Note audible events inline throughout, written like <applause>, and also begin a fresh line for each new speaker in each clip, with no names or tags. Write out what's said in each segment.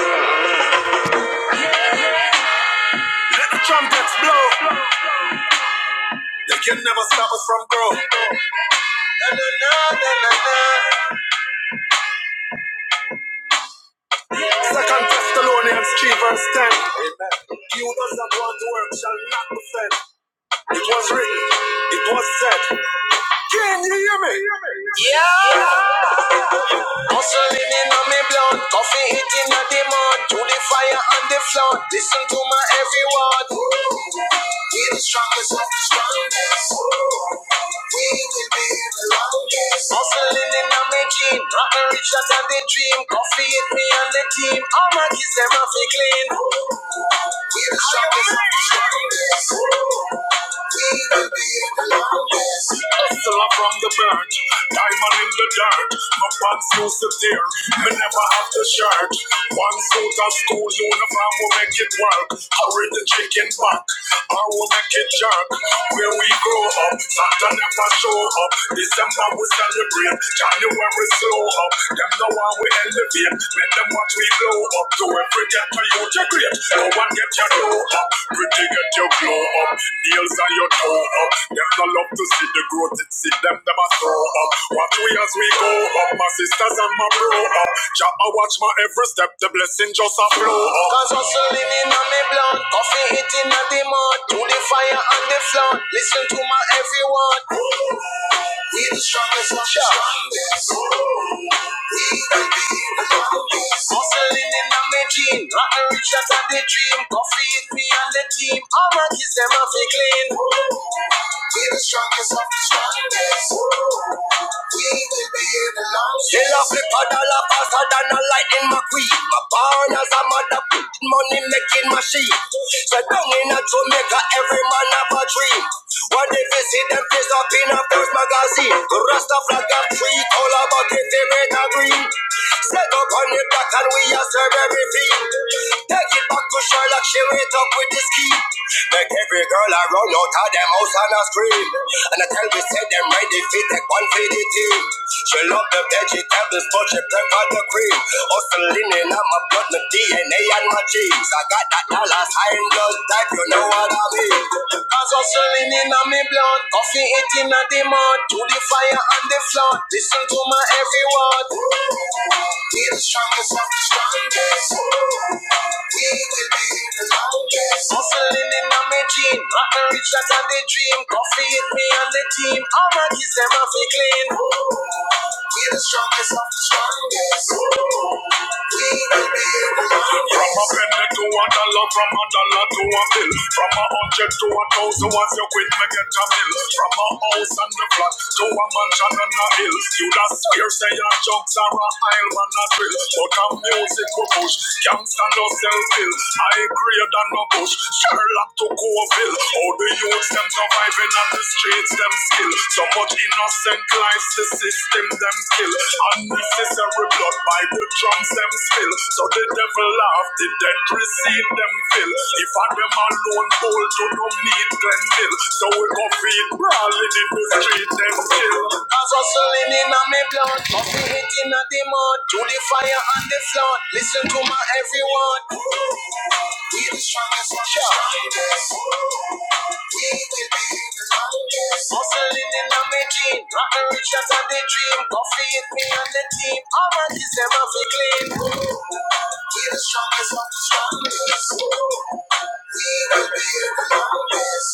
Let the trumpets blow. They can never stop us from growing. Second Thessalonians 3 verse 10. Amen. He who does not want to work shall not be fed. It was written. It was said. Can you hear me? Yeah. Hustling in on me blood, coffee hitting on the mud, to the fire on the flood. Listen to my every word. We the strongest of the strongest. We will be the longest. Hustling in on me jean, rapping richer than the dream. Coffee hit me on the team, all my kids them off clean. We the strongest of the strongest. We will be the Hustler from the bird, diamond in the dirt. My pants used to tear, me never have the shirt. One suit of school uniform will make it work. Hurry the chicken back, or we will make it jerk. Where we grow up, Santa never show up. December we celebrate, January slow up. Them know how we elevate, make them what we blow up to it. Pretty to you to great, no one get your dough up. Pretty get your glow up, nails on your toe up. Them no love to see the growth, it see them them a throw up. Watch we as we go up, my sisters and my bro up. Jah I watch my every step, the blessing just a flow up. Cause hustling in on me blunt, coffee hitting at the mud, to the fire and the flood. Listen to my every word. We the strongest, we the strongest. Hustling in the making, rockin' rich out of the Coffee with me and the team, all my kids them off a clean. We the strongest of the strongest. We will be here the longest. They love flip a dollar faster than a lightning McQueen. My born as a mother, money making machine. So down in a Jamaica, every man have a dream. What if you see them face up in a first magazine? The rest of like a tree, all about it, they make a green. Set up on the block and we are serve everything. Take it back to Sherlock, she went up with the ski. Make every girl I run out of them house and I scream. And I tell me, say them ready fit, take one for the team. She love the vegetables, but she prefer the cream. Hustling in on my blood, my DNA and my genes. I got that Dallas high in blood type, you know what I mean. Cause hustling wine in on me blood, coffee eating on the mud, to the fire and the flood. Listen to my every word. We the strongest of the strongest. We will be the longest. Hustling in on me gene, nothing richer than the dream. Coffee hit me and the team, all my kids them off it clean. We the strongest of the strongest. We will be the longest. From a penny to a dollar, from a dollar to a bill, from a hundred to a thousand. As you quit, me, get a mill From a house and the flat to a mansion on a hill. You da swear say your jokes are a aisle man a drill. But a music will push, gangsta no sell pill. High grade and no push, Sherlock to Coville. All the youths them surviving on the streets them skill. So much innocent lives the system them kill. Unnecessary blood by the drums them spill. So the devil laugh, the dead receive them fill. If I them alone hold to no need and bill. So we go feed brawling in the street and kill. Cause hustling in a me blood, coffee hitting at the mud, to the fire and the flood. Listen to my every word. We the strongest, strongest. We will be the longest. Hustling in a me gene, rotten rich out the dream. Coffee hit me and the team. All my this them have to clean. We the strongest of the strongest. We will be the longest.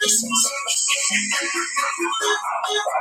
This is. Thank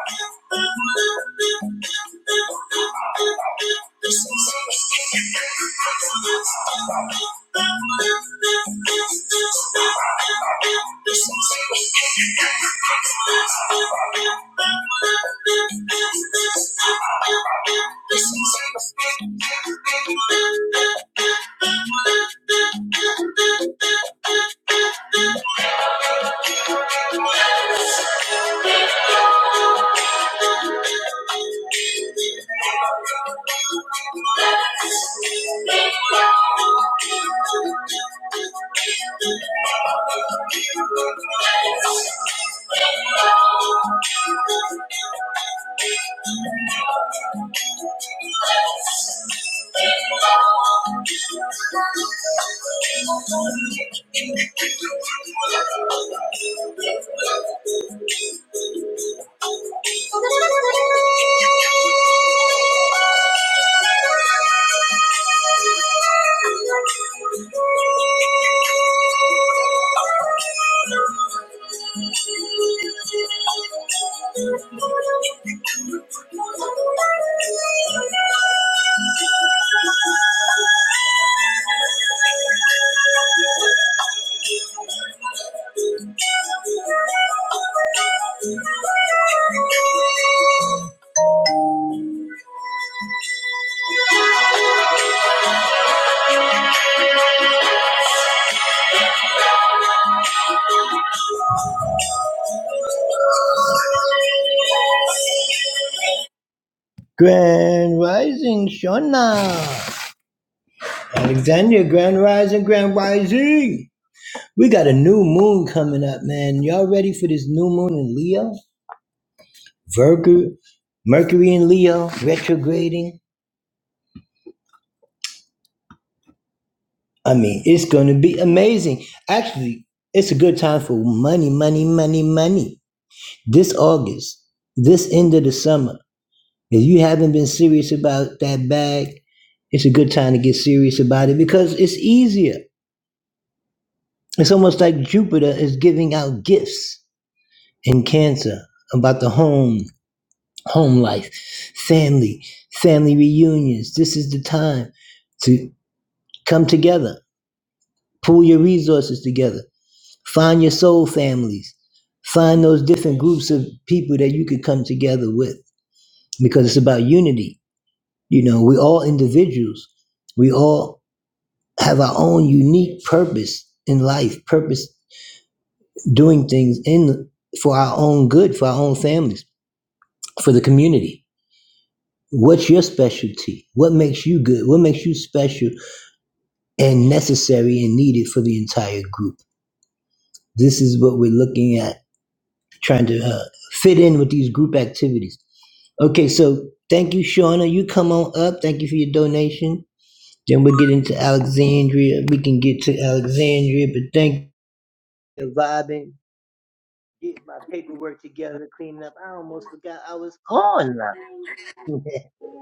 you. Thank you.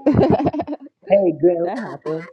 <laughs> That happened.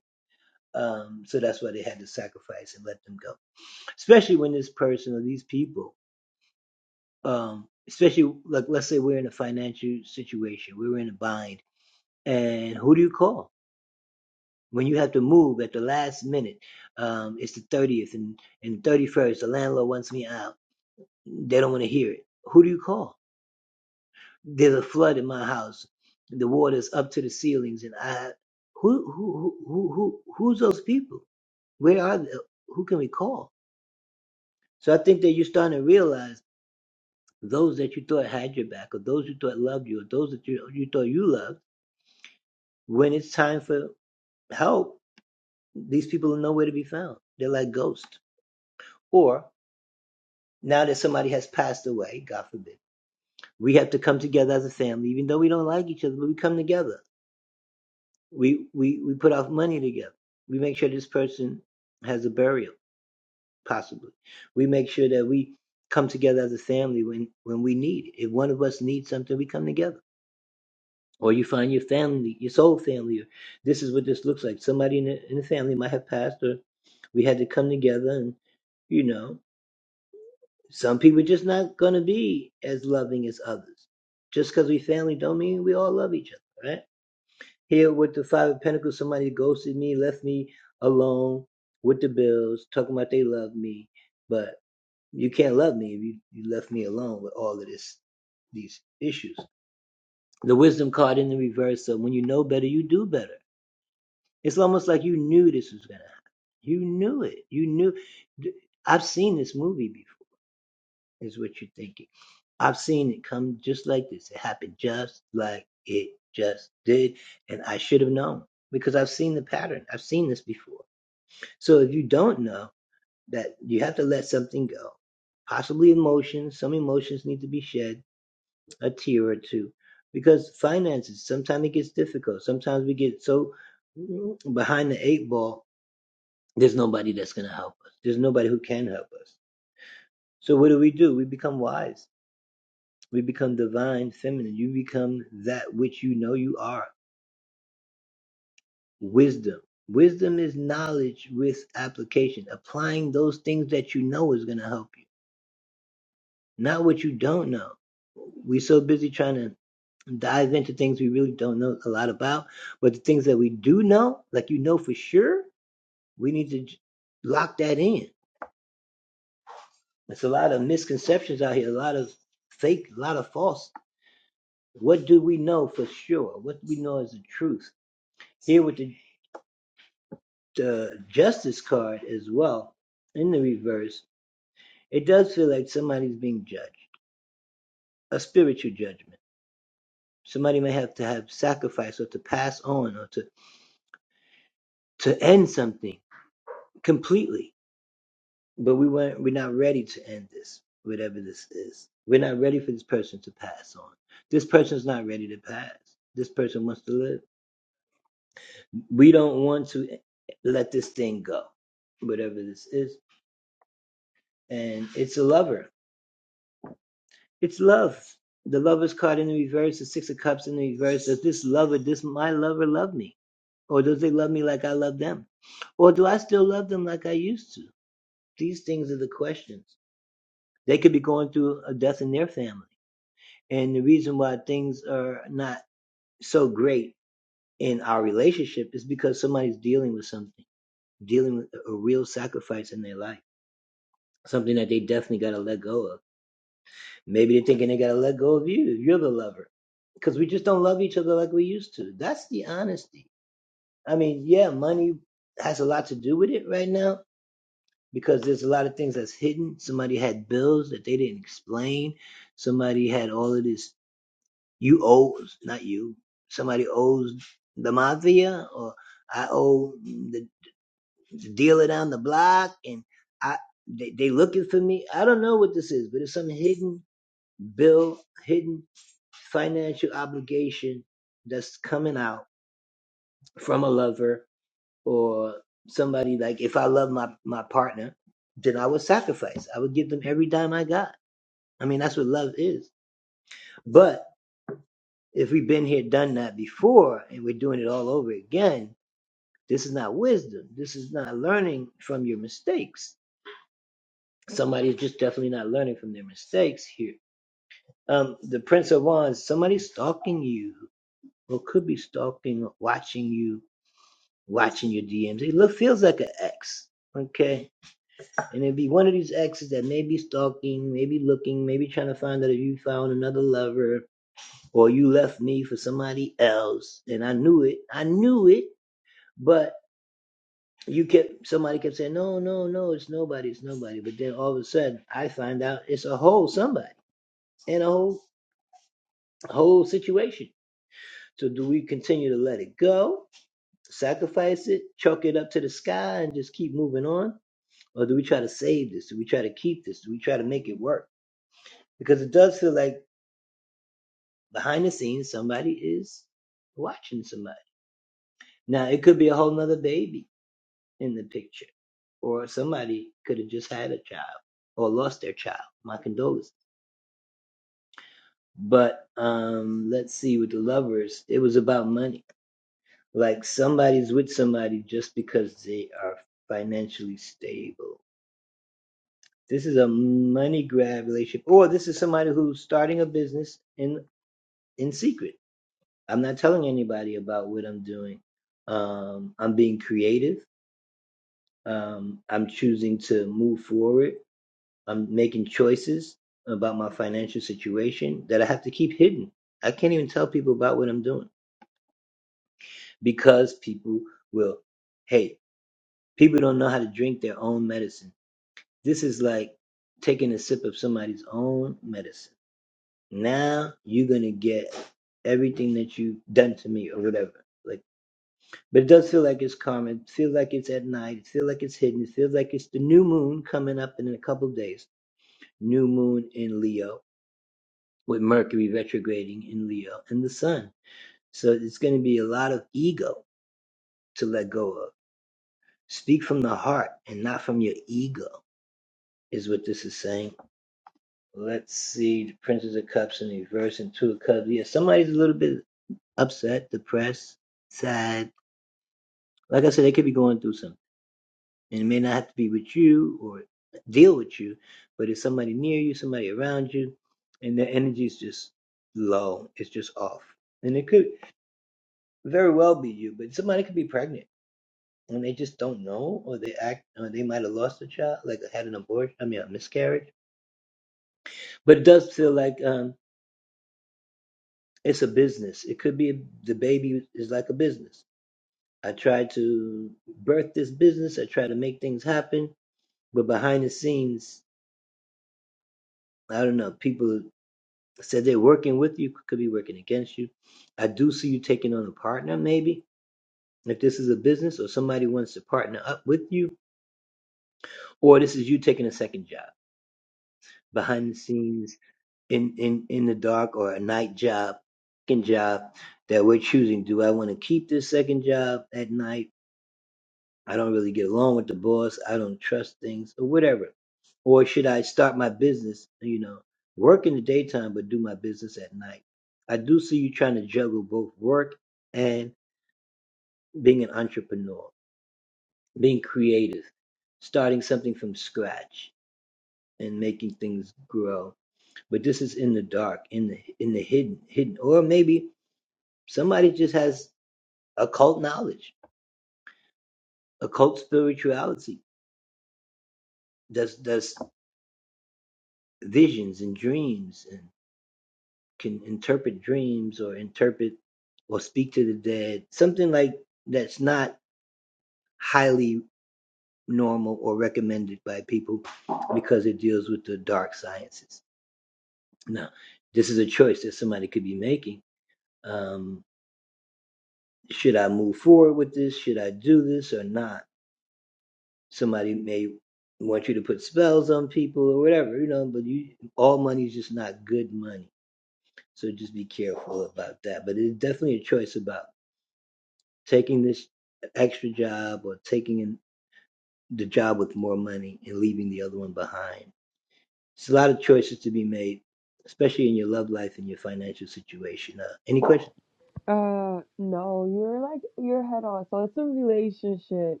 Uh, no, you're like you're head on. So it's a relationship.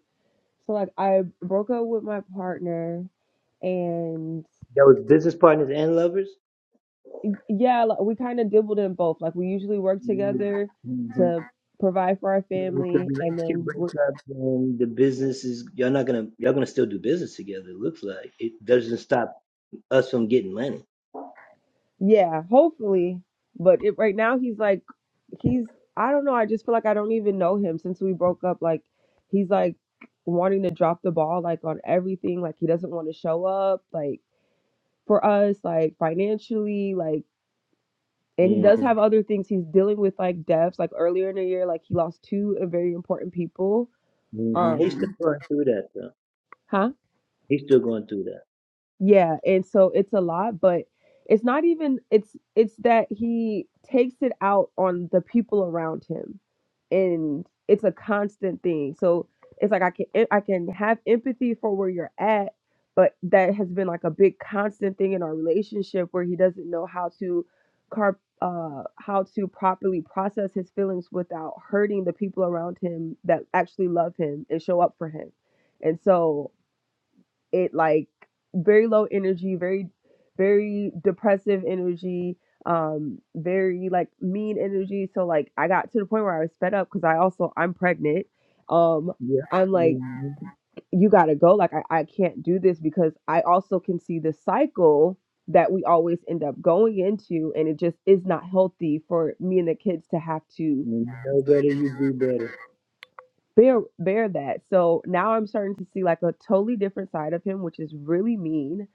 So like I broke up with my partner, and yeah, like, we kind of dibbled in both. Like we usually work together to provide for our family, and then we're yeah, hopefully. But it, right now he's like he's I don't know. I just feel like I don't even know him since we broke up. Like he's like wanting to drop the ball like on everything. Like he doesn't want to show up. Like for us, like financially, like and he does have other things he's dealing with like deaths. Like earlier in the year, like he lost two uh, very important people. Um, huh? Yeah, and so it's a lot, but it's not even it's it's that he takes it out on the people around him. And it's a constant thing. So it's like I can I can have empathy for where you're at, but that has been like a big constant thing in our relationship where he doesn't know how to car uh how to properly process his feelings without hurting the people around him that actually love him and show up for him. And so it like very low energy, very very depressive energy, um, very like mean energy. So like I got to the point where I was fed up because I also I'm pregnant. Um, I'm like, you gotta go. Like I, I can't do this because I also can see the cycle that we always end up going into and it just is not healthy for me and the kids to have to bear bear that. So now I'm starting to see like a totally different side of him, which is really mean.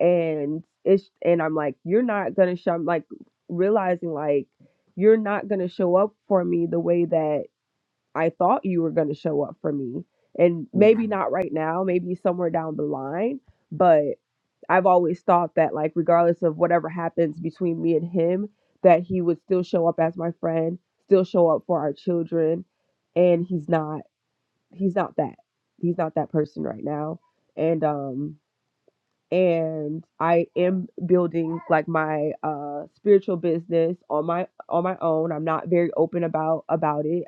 And it's and I'm like, you're not gonna show. I'm like realizing like you're not gonna show up for me the way that I thought you were gonna show up for me. And maybe not right now, maybe somewhere down the line. But I've always thought that like regardless of whatever happens between me and him, that he would still show up as my friend, still show up for our children, and he's not he's not that he's not that person right now and um and i am building like my uh spiritual business on my on my own i'm not very open about about it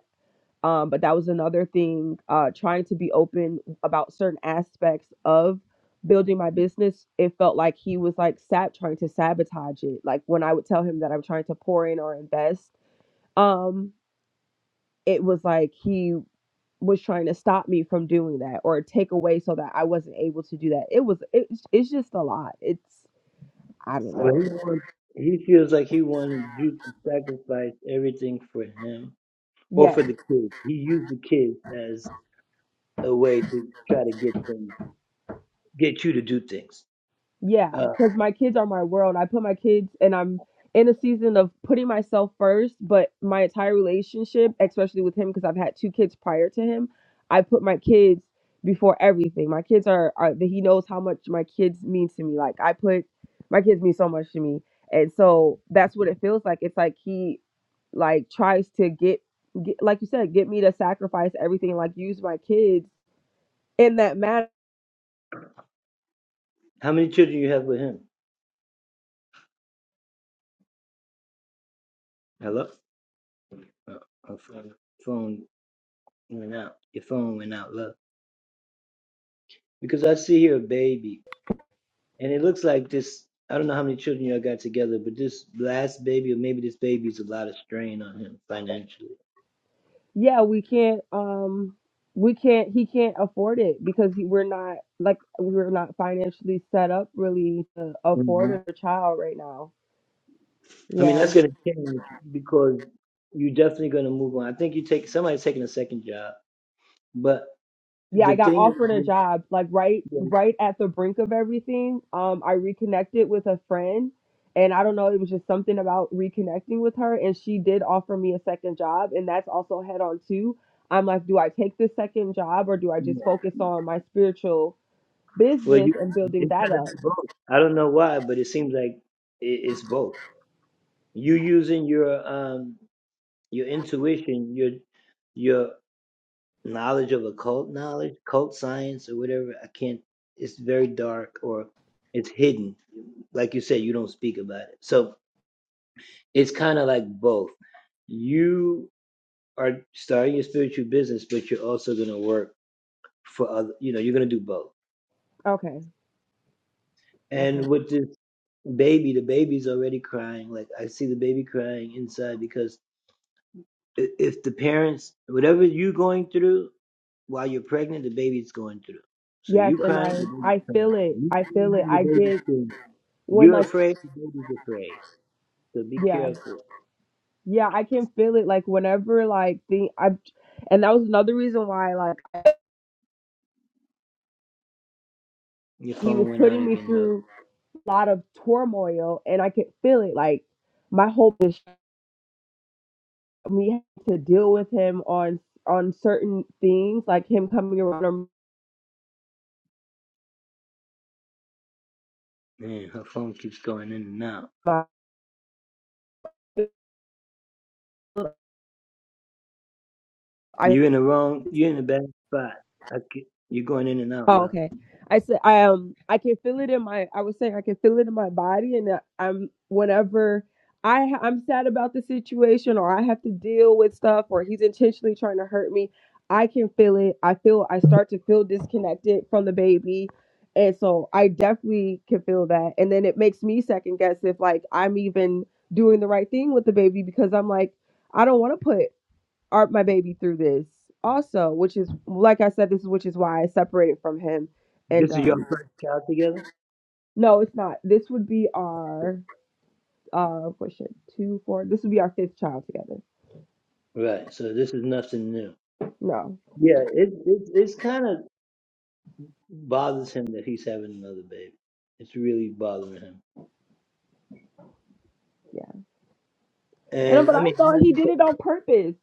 um but that was another thing uh trying to be open about certain aspects of building my business it felt like he was like sab trying to sabotage it like when i would tell him that i'm trying to pour in or invest um it was like he was trying to stop me from doing that or take away so that I wasn't able to do that. It was it, it's just a lot. It's I don't know. Yes. Yeah, because my kids are my world. I put my kids, and I'm in a season of putting myself first, but my entire relationship, especially with him, because I've had two kids prior to him, I put my kids before everything. My kids are, are that he knows how much my kids mean to me. Like I put my kids mean so much to me, and so that's what it feels like. It's like he like tries to get, get like you said, get me to sacrifice everything, like use my kids in that matter. yeah we can't um we can't he can't afford it because he, we're not like we're not financially set up really to afford a child right now yeah yeah i got offered a job like right right at the brink of everything um i reconnected with a friend and i don't know it was just something about reconnecting with her and she did offer me a second job and that's also head on too i'm like do i take this second job or do i just focus on my spiritual business and building that up okay Okay. Yes, and I I feel it. I feel it. I get when like yeah. Yeah, I can feel it like whenever like the I and that was another reason why like he was putting me through a lot of turmoil and I could feel it like my hope is me to deal with him on on certain things like him coming around or my, I Oh, okay. I said I um I can feel it in my I was saying I can feel it in my body and I- I'm whenever I ha- I'm sad about the situation or I have to deal with stuff or he's intentionally trying to hurt me, I can feel it. I feel I start to feel disconnected from the baby. And so I definitely can feel that. And then it makes me second guess if like I'm even doing the right thing with the baby because I'm like I don't want to put art my baby through this also which is like i said this is which is why i separated from him and um no it's not this would be our uh question two four this would be our fifth child together no yeah and uh, but i thought he did it on purpose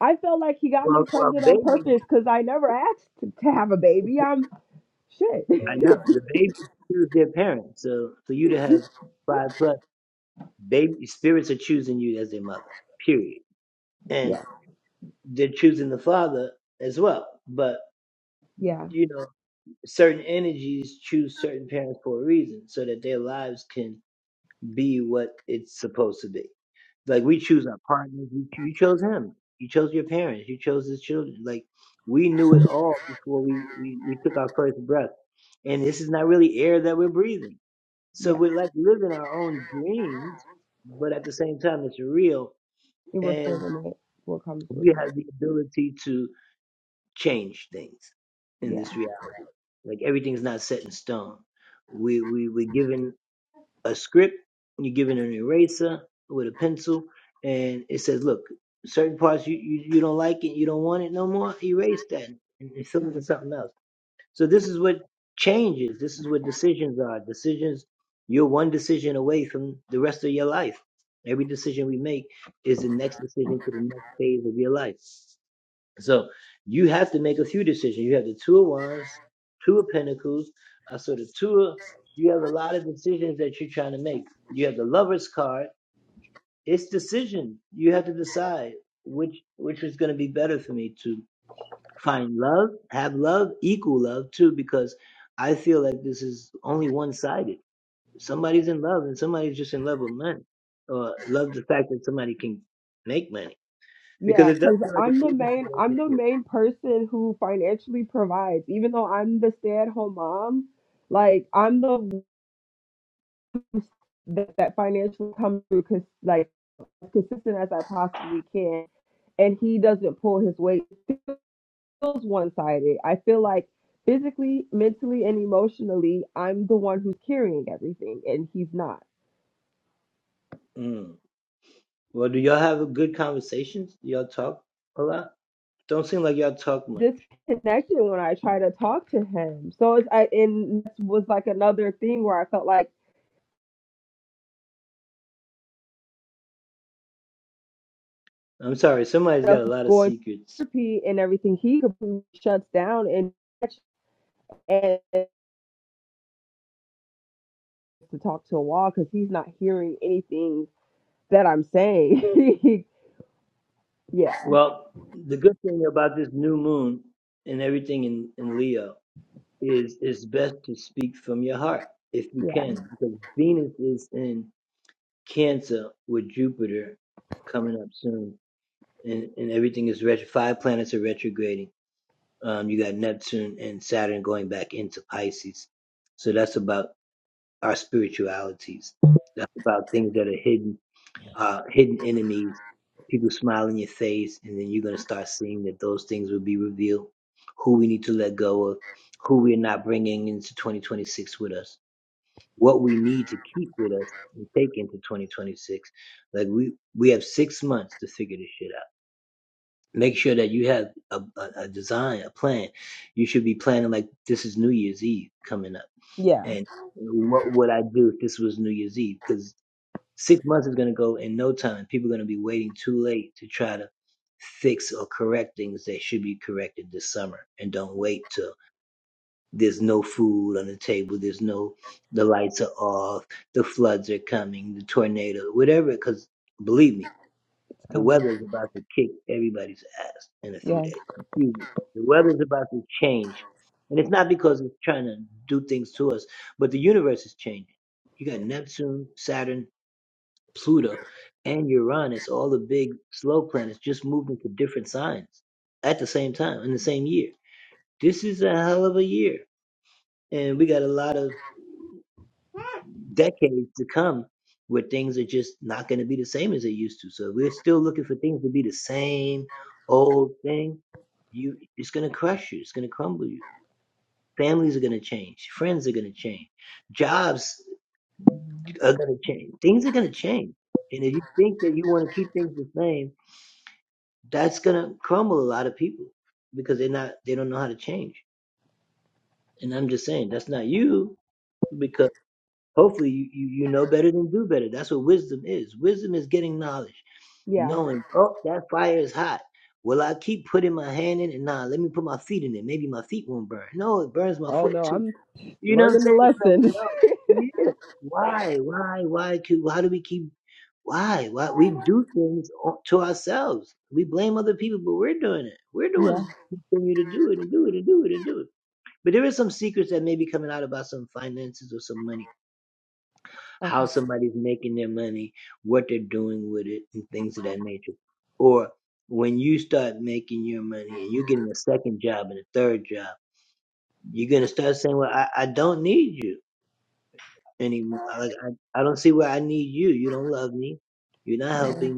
i felt like he got me pregnant on purpose because i never asked to, to have a baby i'm shit <laughs> yeah yeah yeah and we're feeling it what comes with it Yeah. Yeah, because I'm the main I'm the main person who financially provides, even though I'm the stay-at-home mom. Like I'm the one that, that financially comes through because like as consistent as I possibly can, and he doesn't pull his weight. It feels one-sided. I feel like physically, mentally, and emotionally, I'm the one who's carrying everything, and he's not. Disconnection when I try to talk to him. So it's I and this was like another thing where I felt like up going to therapy and everything, he completely shuts down and and to talk to a wall because he's not hearing anything that I'm saying. <laughs> yeah, yeah, yeah. It's coming. Yeah, yeah. Oh no, I'm learning the lesson. <laughs> yeah. Okay. Yeah,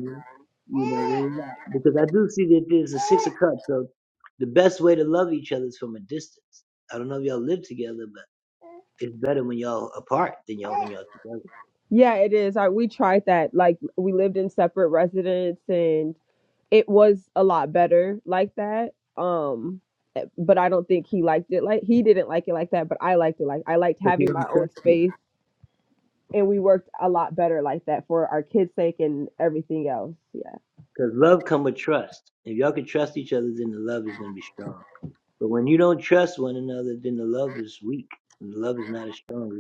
Yeah, it is. I, we tried that. Like we lived in separate residence and it was a lot better like that. Um, eh, but I don't think he liked it like he didn't like it like that. But I liked it like I liked having my own space, and we worked a lot better like that for our kids' sake and everything else. Yeah.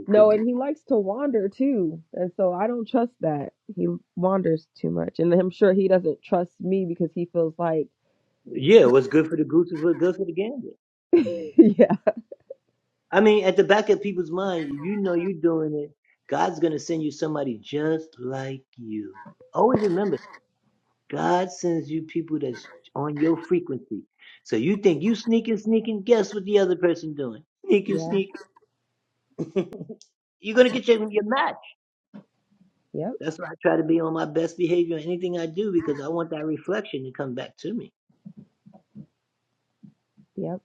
No, and he likes to wander too, and so I don't trust that he wanders too much, and I'm sure he doesn't trust me because he feels like, <laughs> yeah, yeah, yep, yep,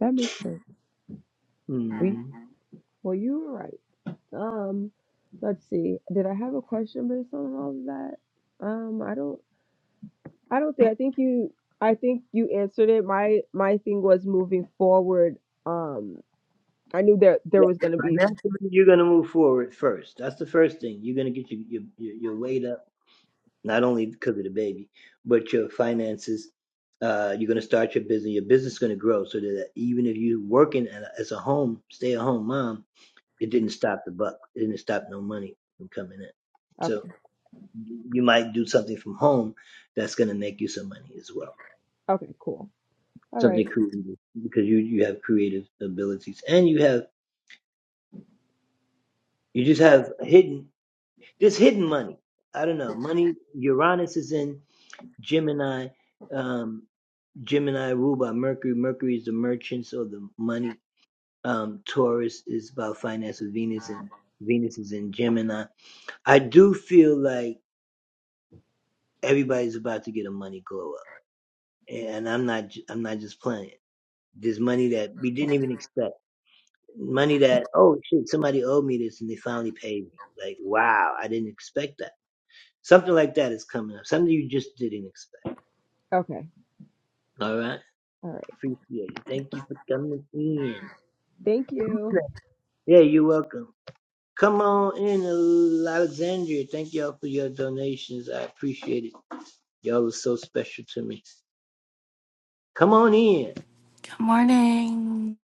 that makes sense. We, well, you were right. Um, let's see. Did I have a question based on all of that? Um, I don't. I don't think. I think you. I think you answered it. My my thing was moving forward. Um, I knew there there was gonna be. Okay. Okay. Cool. All right. Okay. All right. Thank you.
Morning.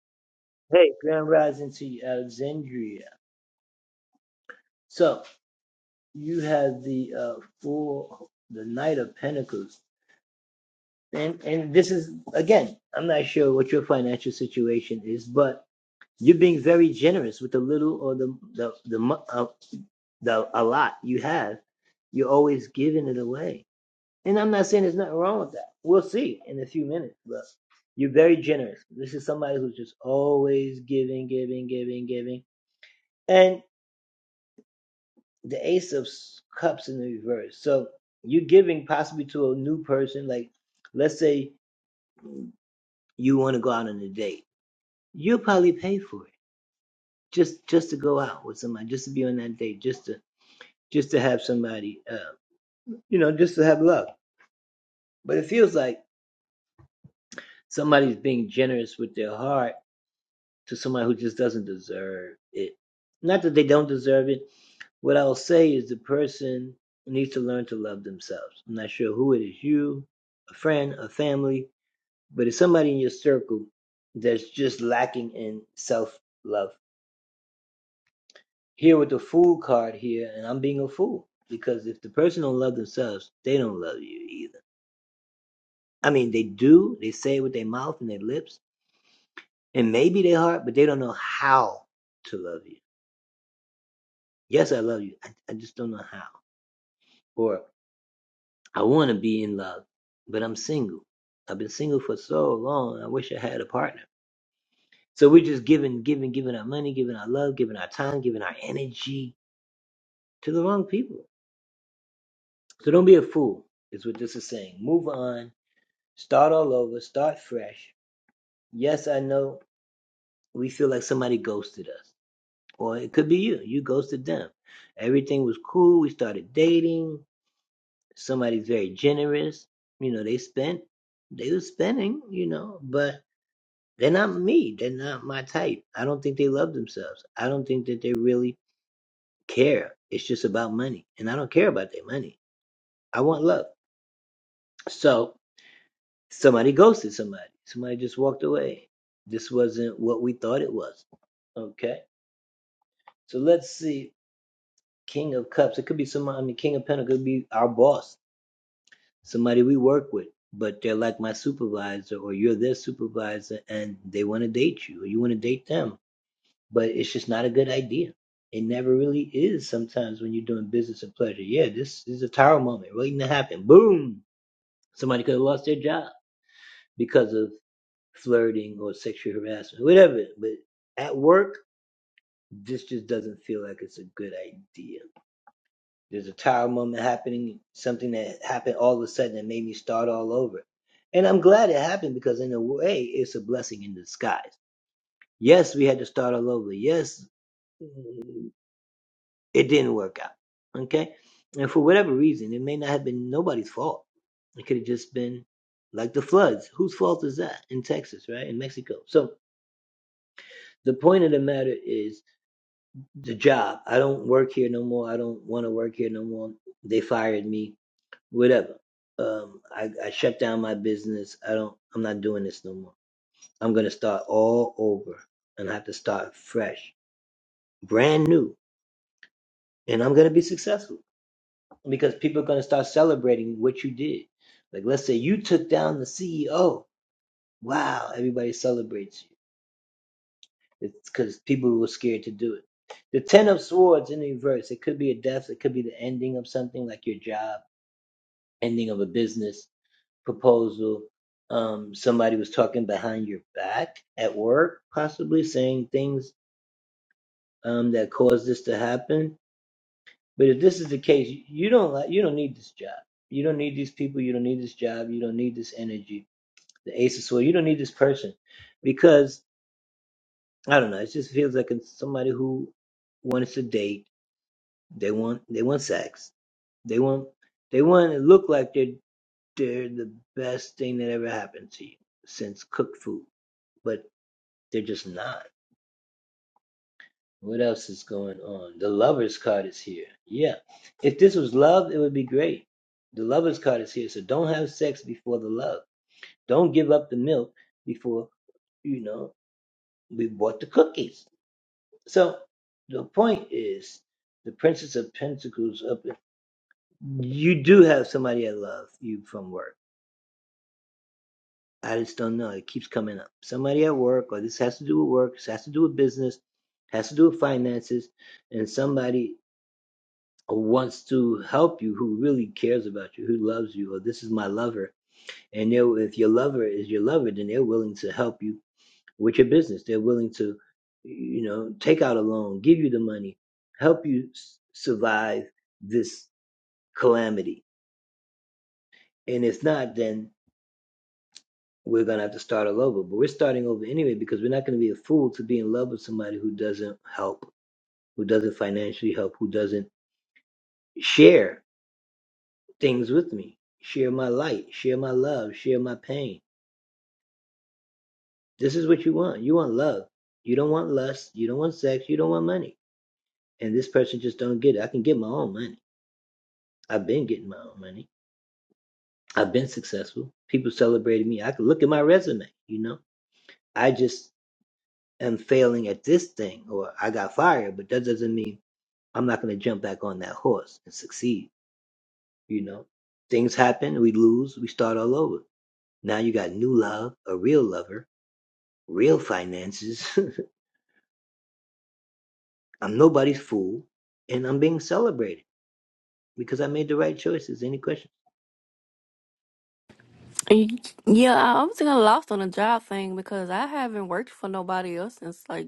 Yeah, I I was kind of lost on the job thing because I haven't worked for nobody else since like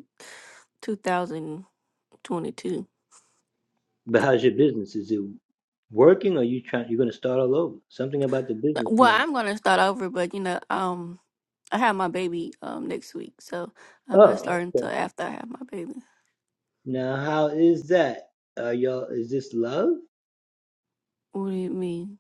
2022. Well, I'm gonna start over, but you know, um, I have my baby um next week, so I'm not starting until after I have my baby. What do you mean?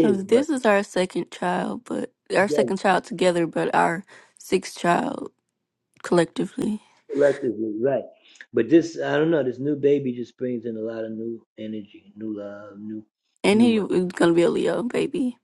'Cause This is our second child, but our second child together, but our sixth child collectively, and he is gonna be a Leo baby.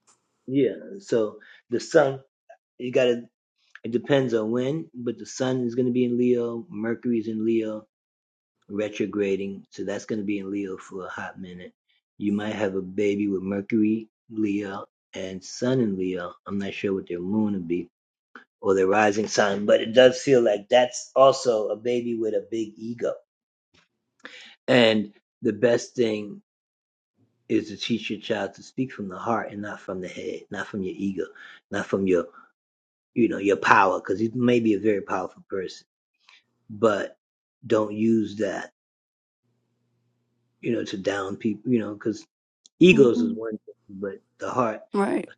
hmm Right.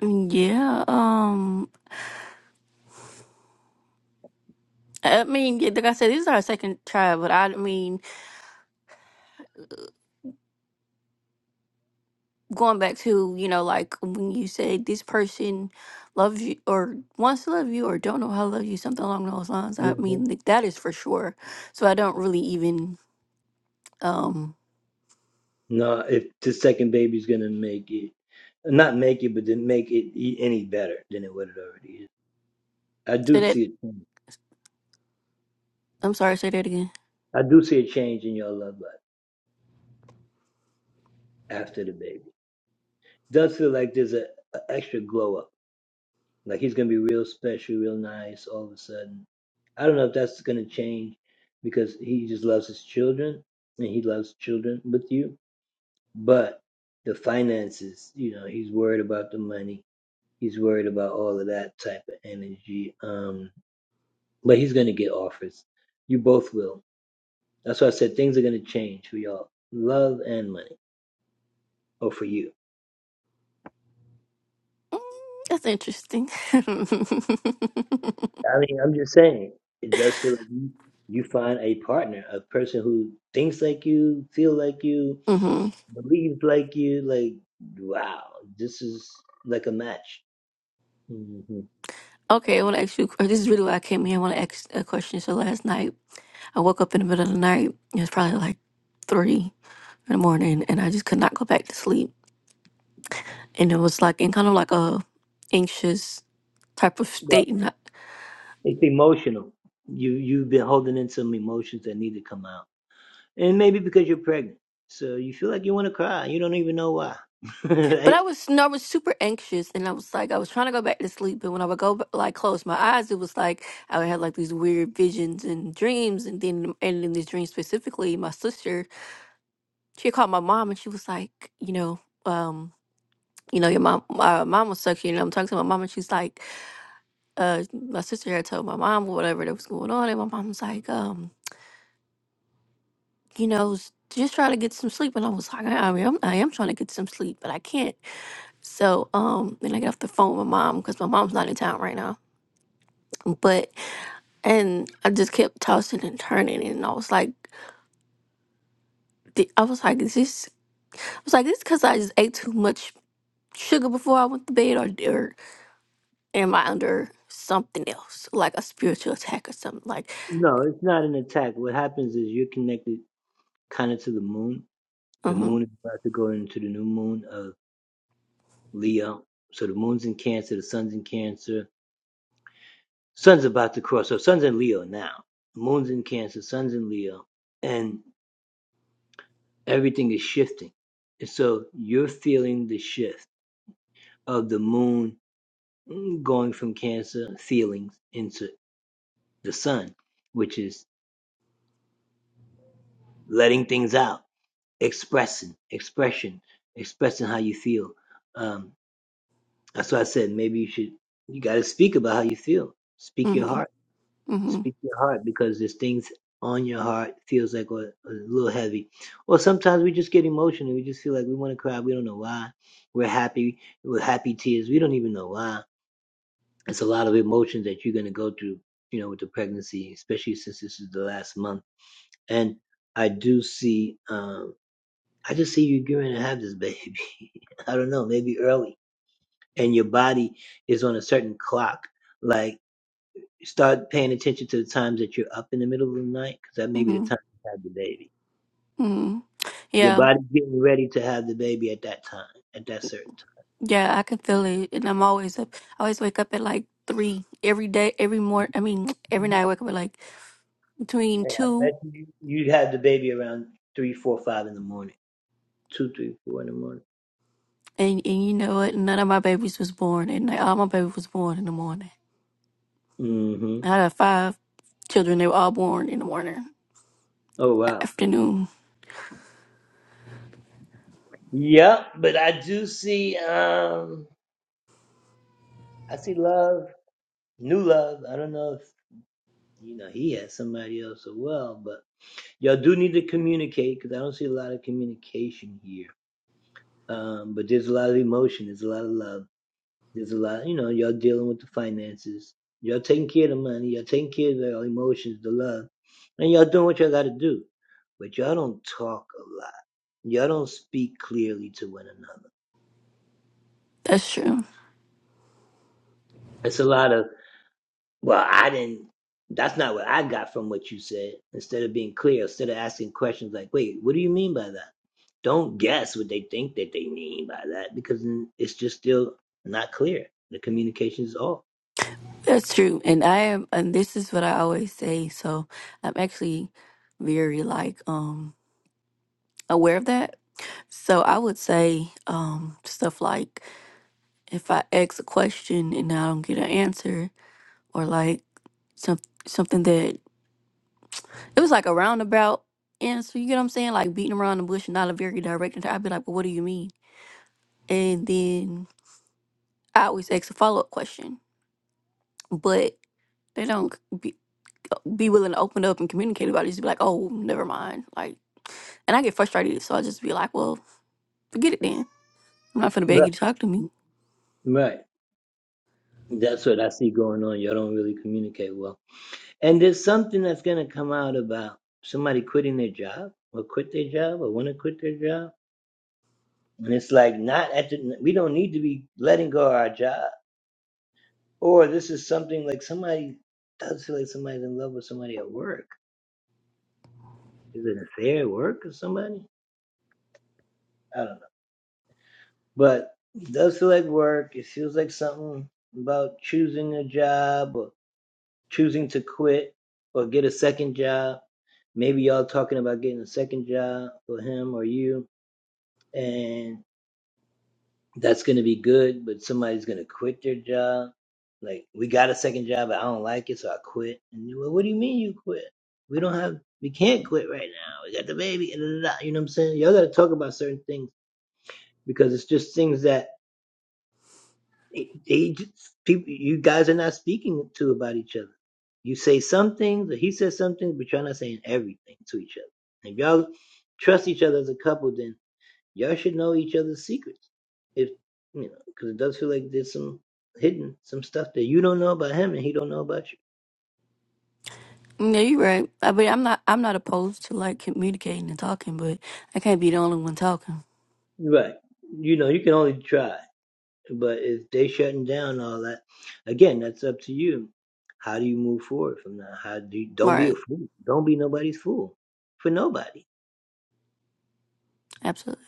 Yeah. Um. I mean, yeah, like I said, this is our second try, but I mean, going back to you know, like when you said this person loves you or wants to love you or don't know how to love you, something along those lines. I mean, like, that is for sure. So I don't really even um say that. I'm sorry, say that again. Mm, That's interesting. <laughs> hmm Okay, I want to ask you. This is really why I came here. I want to ask a question. So last night, I woke up in the middle of the night. It was probably like three. in the morning and I just could not go back to sleep. And it was like in kind of like a anxious type of state. And I, but I was no, I was super anxious and I was like I was trying to go back to sleep. but when I would go b- like close my eyes, it was like I would have like these weird visions and dreams. And then and in this dream specifically, my sister she had called my mom and she was like, you know, um, you know, your mom, my mom was sucking. And I'm talking to my mom and she's like, uh, my sister had told my mom whatever that was going on, and my mom was like, um. you know, s- just trying to get some sleep. And I was like, I I am, I am trying to get some sleep, but I can't. So, um, then I got off the phone with my mom because my mom's not in town right now. But, and I just kept tossing and turning. And I was like, "Di- I was like, is this, I was like, this because I just ate too much sugar before I went to bed or, or am I under something else, like a spiritual attack or something? Like, mm hmm, mm hmm, mm hmm, mm hmm, mm hmm. Yeah, I can feel it, and I'm always up. I always wake up at like three every day, every morning. I mean, every night I wake up at like between two, and and you know what? None of my babies was born, and like, all my babies was born in the morning. I had uh, five children; they were all born in the morning, afternoon. That's true. That's true. And I am, and this is what I always say. So I'm actually very like um aware of that. So I would say um stuff like. if I ask a question and I don't get an answer, or like some something that it was like a roundabout answer, you get what I'm saying? Like beating around the bush and not a very direct answer. I'd be like, "Well, what do you mean?" And then I always ask a follow up question, but they don't be, be willing to open up and communicate about it. Just be like, "Oh, never mind." Like, and I get frustrated, so I just be like, "Well, forget it then. I'm not finna beg you to talk to me." Yeah, you're right. I mean, I'm not. I'm not opposed to like communicating and talking, but I can't be the only one talking. Right. Absolutely.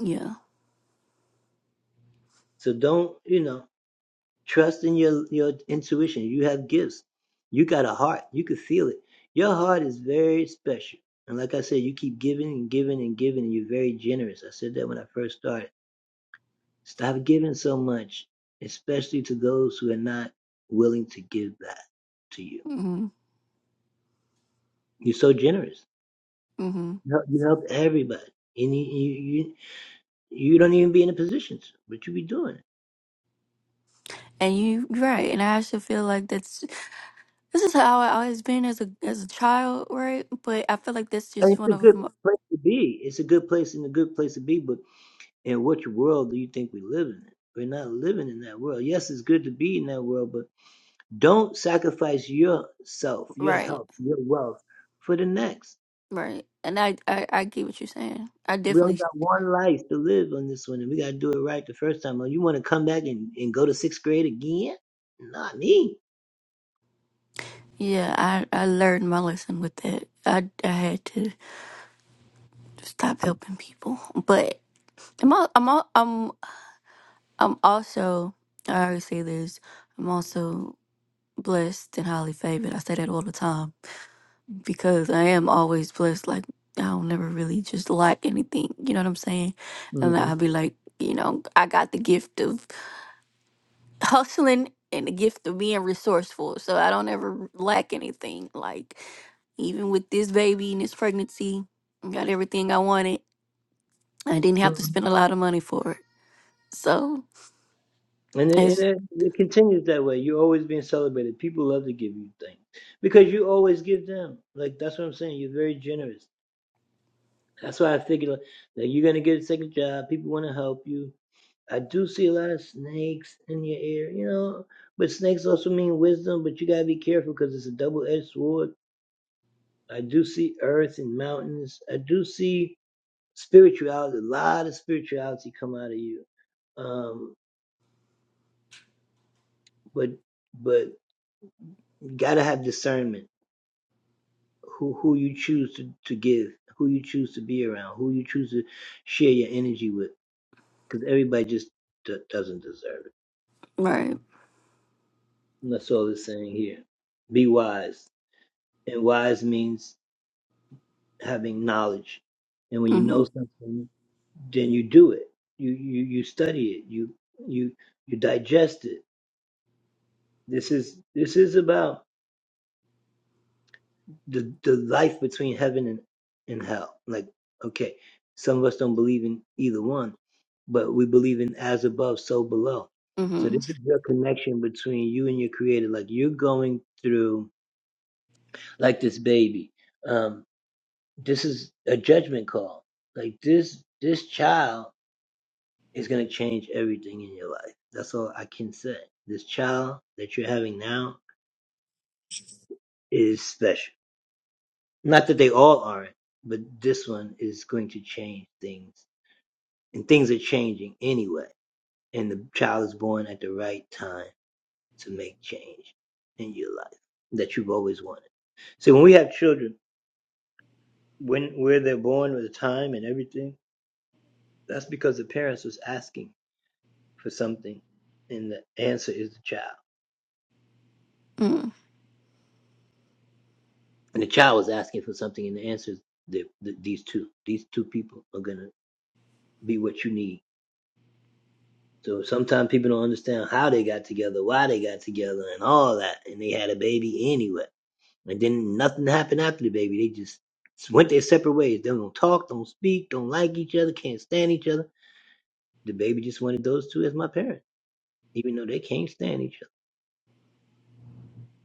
Yeah. hmm hmm And you you're right. And I actually feel like that's this is how I always been as a as a child, right? But I feel like that's just one of my, right, right. And I, I I get what you're saying. I definitely yeah. I I learned my lesson with that. I I had to stop helping people. But I'm all, I'm all, I'm I'm also I always say this. I'm also blessed and highly favored. I say that all the time because I am always blessed. Like I don't never really just lack anything. You know what I'm saying? And I'll be like, you know, I got the gift of hustling and the gift of being resourceful. So I don't ever lack anything. Like even with this baby and this pregnancy, I got everything I wanted. I didn't have to spend a lot of money for it. So it's right. Mm-hmm. Mm-hmm. Mm-hmm.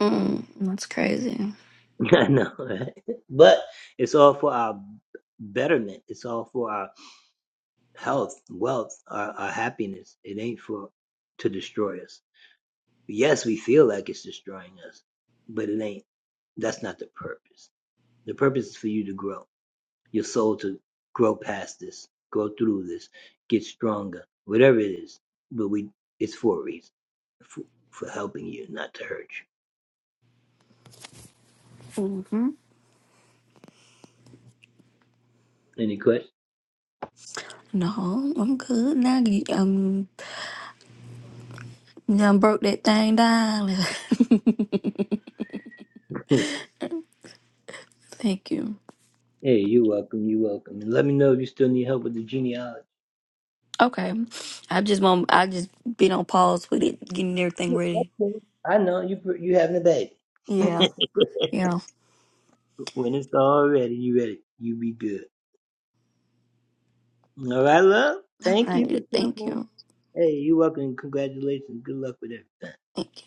mm That's crazy. Mm-hmm. No, I'm good now. You- Um, You done broke that thing down. <laughs> Thank you. Okay. I just want I just been on pause with it, getting everything ready. Yeah. Yeah. All right. Thank you. Thank you.